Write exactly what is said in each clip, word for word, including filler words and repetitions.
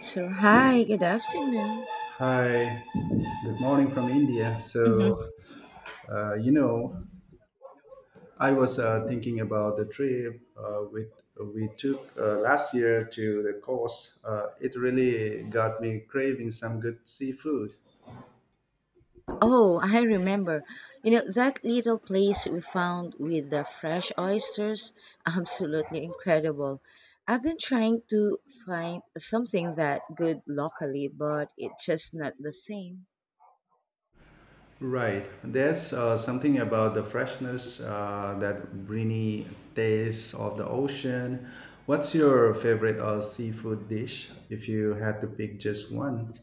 So, hi, good afternoon. Hi, good morning from India. hmm So, uh, you know, I was uh, thinking about the trip uh, with, we took uh, last year to the coast. Uh, it really got me craving some good seafood. Oh, I remember. You know, that little place we found with the fresh oysters, absolutely incredible. I've been trying to find something that good locally, but it's just not the same. Right. There's uh, something about the freshness, uh, that briny taste of the ocean. What's your favorite uh, seafood dish if you had to pick just one?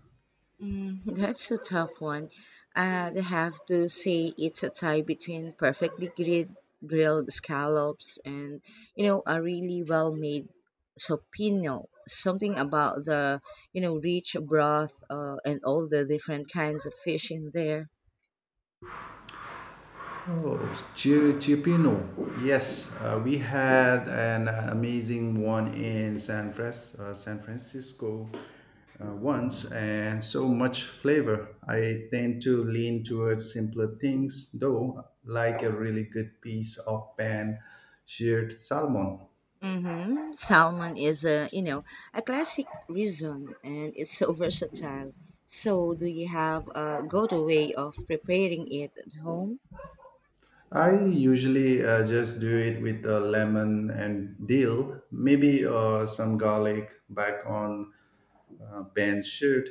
Mm, that's a tough one. I'd have to say it's a tie between perfectly grid, grilled scallops and, you know, a really well-made sopino. Something about the, you know, rich broth uh, and all the different kinds of fish in there. Oh, Chi- Chipino. Yes, uh, we had an amazing one in San, Fras- uh, San Francisco uh, once, and so much flavor. I tend to lean towards simpler things, though, like a really good piece of pan sheared salmon. Mm-hmm. Salmon is a you know a classic reason, and it's so versatile. So, do you have a go-to way of preparing it at home? I usually uh, just do it with a lemon and dill, maybe uh, some garlic back on uh, pan sheared.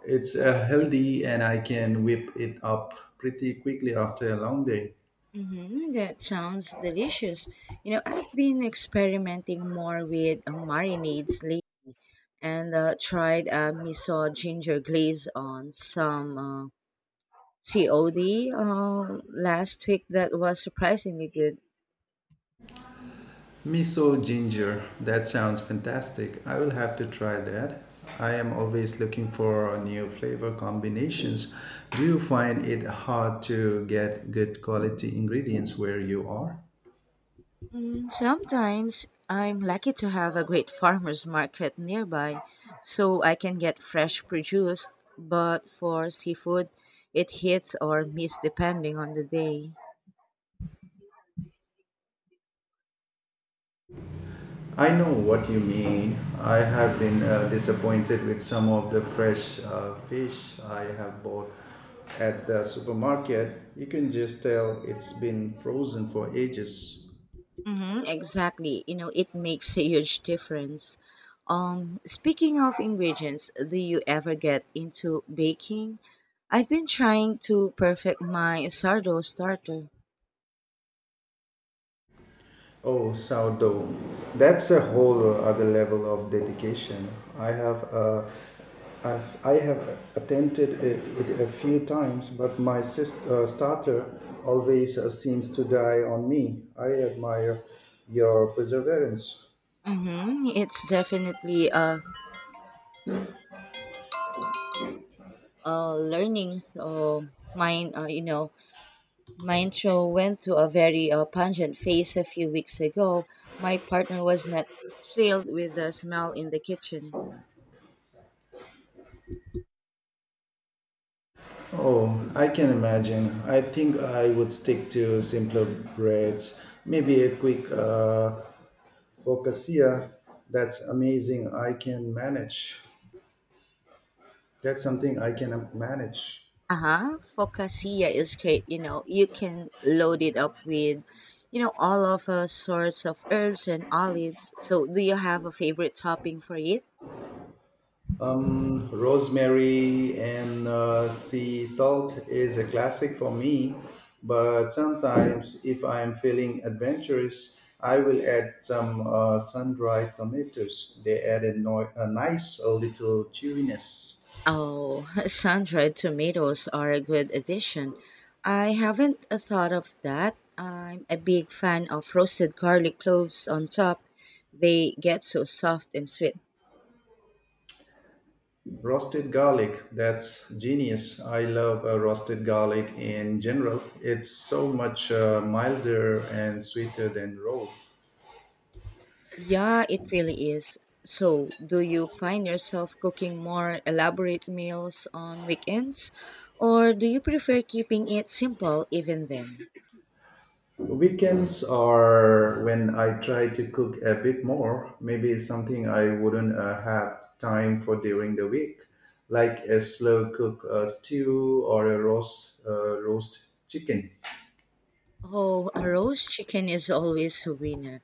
It's uh, healthy and I can whip it up pretty quickly after a long day. Mm-hmm. That sounds delicious. You know, I've been experimenting more with uh, marinades and uh, tried uh, miso ginger glaze on some uh, COD um, last week that was surprisingly good. Miso ginger, that sounds fantastic. I will have to try that. I am always looking for new flavor combinations. Do you find it hard to get good quality ingredients where you are? Mm, sometimes I'm lucky to have a great farmer's market nearby so I can get fresh produce, but for seafood, it hits or miss depending on the day. I know what you mean. I have been uh, disappointed with some of the fresh uh, fish I have bought at the supermarket. You can just tell it's been frozen for ages. Mm-hmm, exactly. You know, it makes a huge difference. Um, speaking of ingredients, do you ever get into baking? I've been trying to perfect my sourdough starter. Oh, sourdough. That's a whole other level of dedication. I have uh, I've, I have attempted it a few times, but my sister, uh, starter always uh, seems to die on me. I admire your perseverance. Mm-hmm, it's definitely a, a learning. So mine, uh, you know, mine show went to a very uh, pungent phase a few weeks ago. My partner was not thrilled with the smell in the kitchen. Oh, I can imagine. I think I would stick to simpler breads, maybe a quick uh, focaccia. That's amazing. I can manage. That's something I can manage. Uh-huh. Focaccia is great. You know, you can load it up with, you know, all of uh, sorts of herbs and olives. So, do you have a favorite topping for it? Um, rosemary and uh, sea salt is a classic for me, but sometimes if I'm feeling adventurous, I will add some uh, sun-dried tomatoes. They add a, no- a nice little chewiness. Oh, sun-dried tomatoes are a good addition. I haven't uh, thought of that. I'm a big fan of roasted garlic cloves on top. They get so soft and sweet. Roasted garlic, that's genius. I love uh, roasted garlic in general. It's so much uh, milder and sweeter than raw. Yeah, it really is. So, do you find yourself cooking more elaborate meals on weekends? Or do you prefer keeping it simple even then? Weekends are when I try to cook a bit more, maybe something I wouldn't uh, have time for during the week, like a slow cook uh, stew or a roast uh, roast chicken. Oh, a roast chicken is always a winner.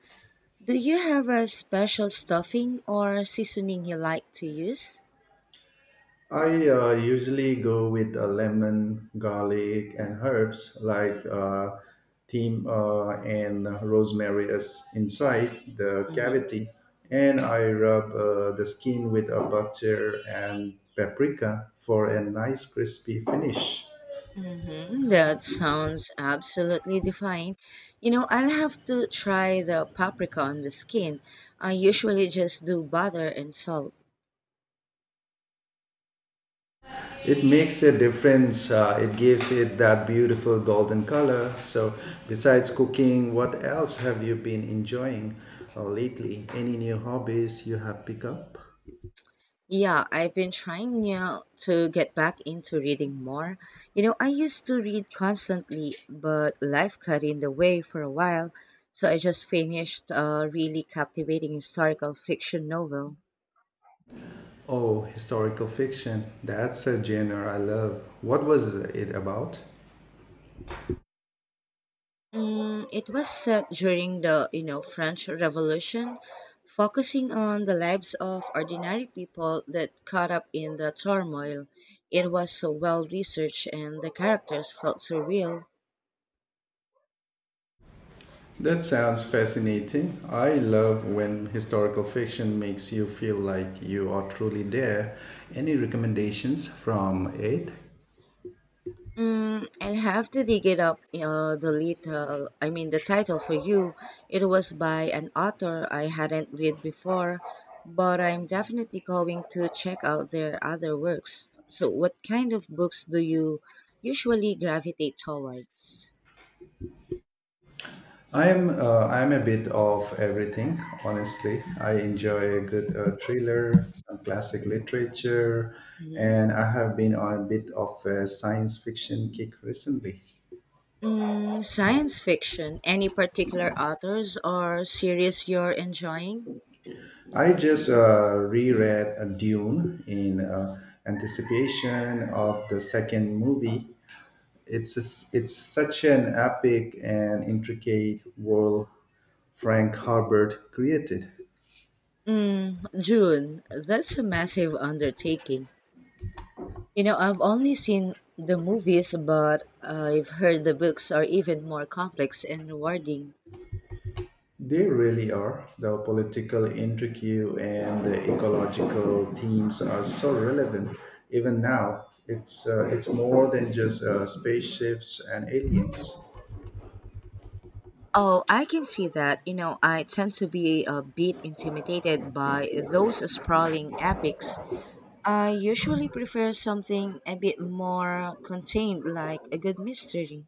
Do you have a special stuffing or seasoning you like to use? I uh, usually go with uh, lemon, garlic, and herbs like uh, thyme uh, and rosemary is inside the Mm-hmm. cavity, and I rub uh, the skin with a butter and paprika for a nice crispy finish. Mm-hmm. That sounds absolutely divine. You know, I'll have to try the paprika on the skin. I usually just do butter and salt. It makes a difference. Uh, it gives it that beautiful golden color. So, besides cooking, what else have you been enjoying uh, lately? Any new hobbies you have picked up? Yeah, I've been trying yeah, to get back into reading more. You know, I used to read constantly, but life got in the way for a while. So I just finished a really captivating historical fiction novel. Oh, historical fiction. That's a genre I love. What was it about? Mm, it was set during the, you know, French Revolution, focusing on the lives of ordinary people that caught up in the turmoil. It was so well researched and the characters felt so real. That sounds fascinating. I love when historical fiction makes you feel like you are truly there. Any recommendations from it? Mm, I'll have to dig it up. Uh, the little, I mean, The title for you. It was by an author I hadn't read before, but I'm definitely going to check out their other works. So, what kind of books do you usually gravitate towards? I am uh, I am a bit of everything, honestly. I enjoy a good uh, thriller, some classic literature, Mhm. and I have been on a bit of a science fiction kick recently. Mm, science fiction. Any particular authors or series you're enjoying? I just uh, reread a Dune in uh, anticipation of the second movie. It's it's such an epic and intricate world Frank Herbert created. Mm, June, that's a massive undertaking. You know, I've only seen the movies, but I've heard the books are even more complex and rewarding. They really are. The political intrigue and the ecological themes are so relevant even now. It's uh, it's more than just uh, spaceships and aliens. Oh, I can see that. You know, I tend to be a bit intimidated by those sprawling epics. I usually prefer something a bit more contained, like a good mystery.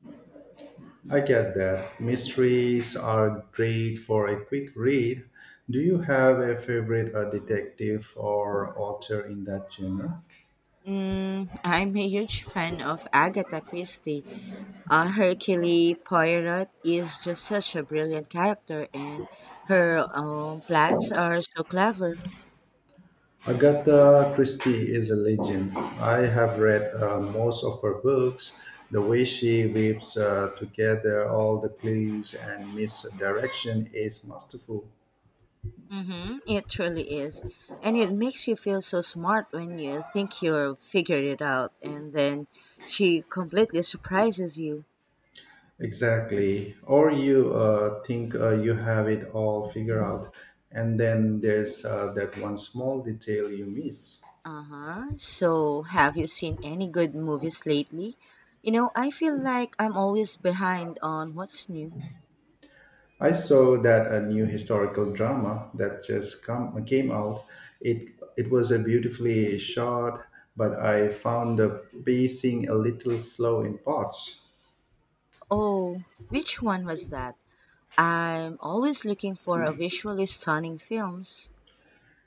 I get that. Mysteries are great for a quick read. Do you have a favorite uh, detective or author in that genre? Mm, I'm a huge fan of Agatha Christie. Uh, Hercule Poirot is just such a brilliant character, and her um, plots are so clever. Agatha Christie is a legend. I have read uh, most of her books. The way she weaves uh, together all the clues and misdirection is masterful. Mm-hmm, it truly is. And it makes you feel so smart when you think you've figured it out, and then she completely surprises you. Exactly. Or you uh, think uh, you have it all figured out, and then there's uh, that one small detail you miss. Uh huh. So, have you seen any good movies lately? You know, I feel like I'm always behind on what's new. I saw that a new historical drama that just come, came out. It it was a beautifully shot, but I found the pacing a little slow in parts. Oh, which one was that? I'm always looking for a visually stunning films.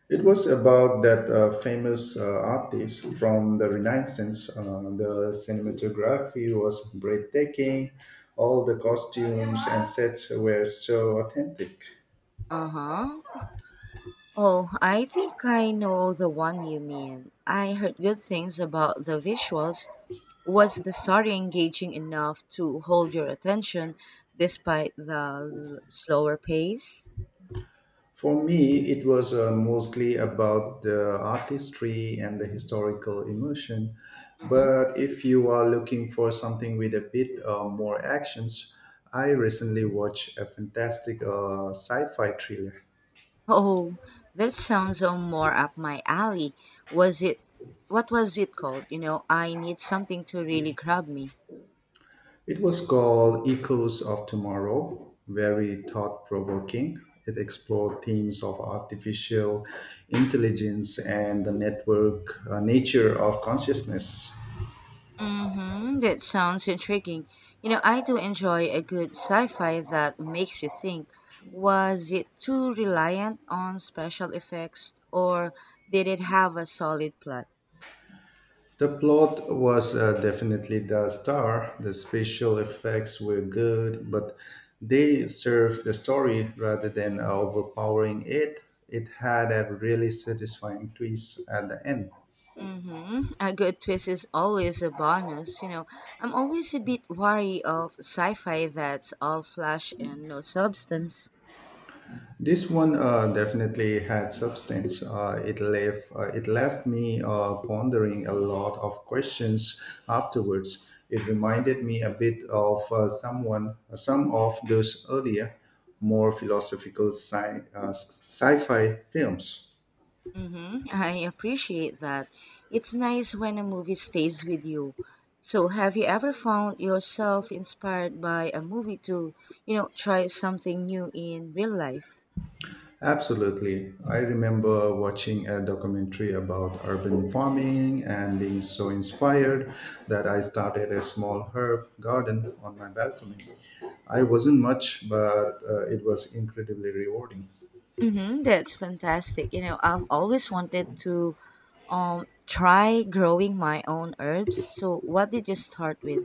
It was about that uh, famous uh, artist from the Renaissance. Uh, the cinematography was breathtaking. All the costumes and sets were so authentic. Uh huh. Oh, I think I know the one you mean. I heard good things about the visuals. Was the story engaging enough to hold your attention despite the l- slower pace? For me, it was uh, mostly about the artistry and the historical emotion. hmm But if you are looking for something with a bit uh, more actions, I recently watched a fantastic uh, sci fi thriller. Oh, that sounds uh, more up my alley. Was it? What was it called? You know, I need something to really grab me. It was called Echoes of Tomorrow, very thought provoking. It explored themes of artificial intelligence and the network uh, nature of consciousness. Mm-hmm. That sounds intriguing. You know, I do enjoy a good sci-fi that makes you think. Was it too reliant on special effects, or did it have a solid plot? The plot was uh, definitely the star. The special effects were good, but they served the story rather than overpowering it. It had a really satisfying twist at the end. Mm-hmm. A good twist is always a bonus. You know, I'm always a bit wary of sci-fi that's all flash and no substance. This one uh, definitely had substance. Uh, it left uh, it left me uh, pondering a lot of questions afterwards. It reminded me a bit of uh, someone uh, some of those earlier, more philosophical sci- uh, sci- sci-fi films. Mm-hmm. I appreciate that. It's nice when a movie stays with you. So, have you ever found yourself inspired by a movie to, you know, try something new in real life? Absolutely. I remember watching a documentary about urban farming and being so inspired that I started a small herb garden on my balcony. I wasn't much, but uh, it was incredibly rewarding. Mm-hmm. That's fantastic. You know, I've always wanted to um, try growing my own herbs. So, what did you start with?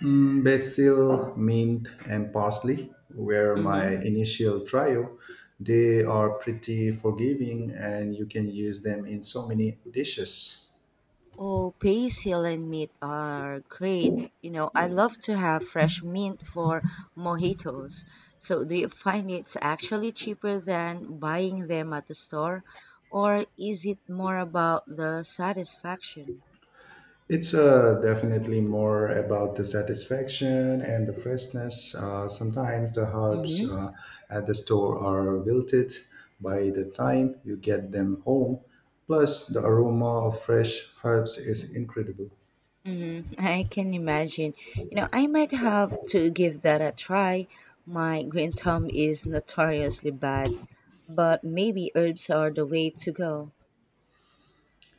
Mm, basil, mint, and parsley were my Mm-hmm. initial trio. They are pretty forgiving and you can use them in so many dishes. Oh, basil and mint are great. You know, I love to have fresh mint for mojitos. So, do you find it's actually cheaper than buying them at the store, or is it more about the satisfaction? It's uh, definitely more about the satisfaction and the freshness. Uh, sometimes the herbs Mm-hmm. uh, at the store are wilted by the time you get them home. Plus, the aroma of fresh herbs is incredible. Mm-hmm. I can imagine. You know, I might have to give that a try. My green thumb is notoriously bad, but maybe herbs are the way to go.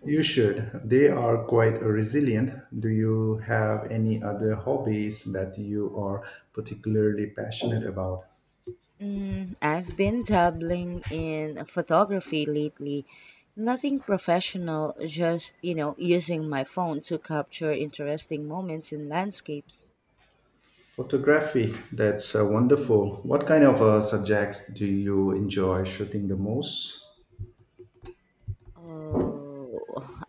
You should. They are quite resilient. Do you have any other hobbies that you are particularly passionate about? Mm, I've been dabbling in photography lately. Nothing professional, just, you know, using my phone to capture interesting moments in landscapes. Photography, that's uh, wonderful. What kind of uh, subjects do you enjoy shooting the most? Oh,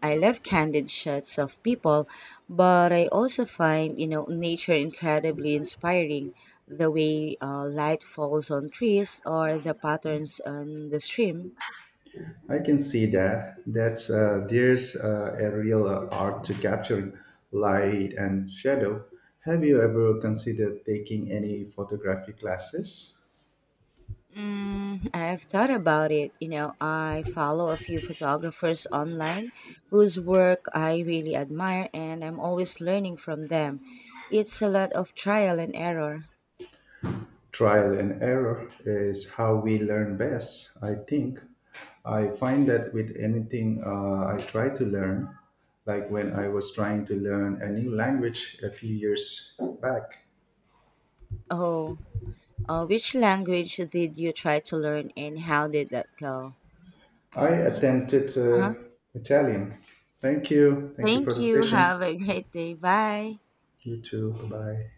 I love candid shots of people, but I also find, you know, nature incredibly inspiring. The way uh, light falls on trees or the patterns on the stream. I can see that. That's uh, there's uh, A real uh, art to capturing light and shadow. Have you ever considered taking any photography classes? Mm, I've thought about it. You know, I follow a few photographers online whose work I really admire, and I'm always learning from them. It's a lot of trial and error. Trial and error is how we learn best, I think. I find that with anything uh, I try to learn, like when I was trying to learn a new language a few years back, Oh, uh, which language did you try to learn, and how did that go? I I think. attempted Uh uh, huh. Italian. Thank you. Thank you for Thank the you. session. Have a great day. Bye. You too. Bye bye.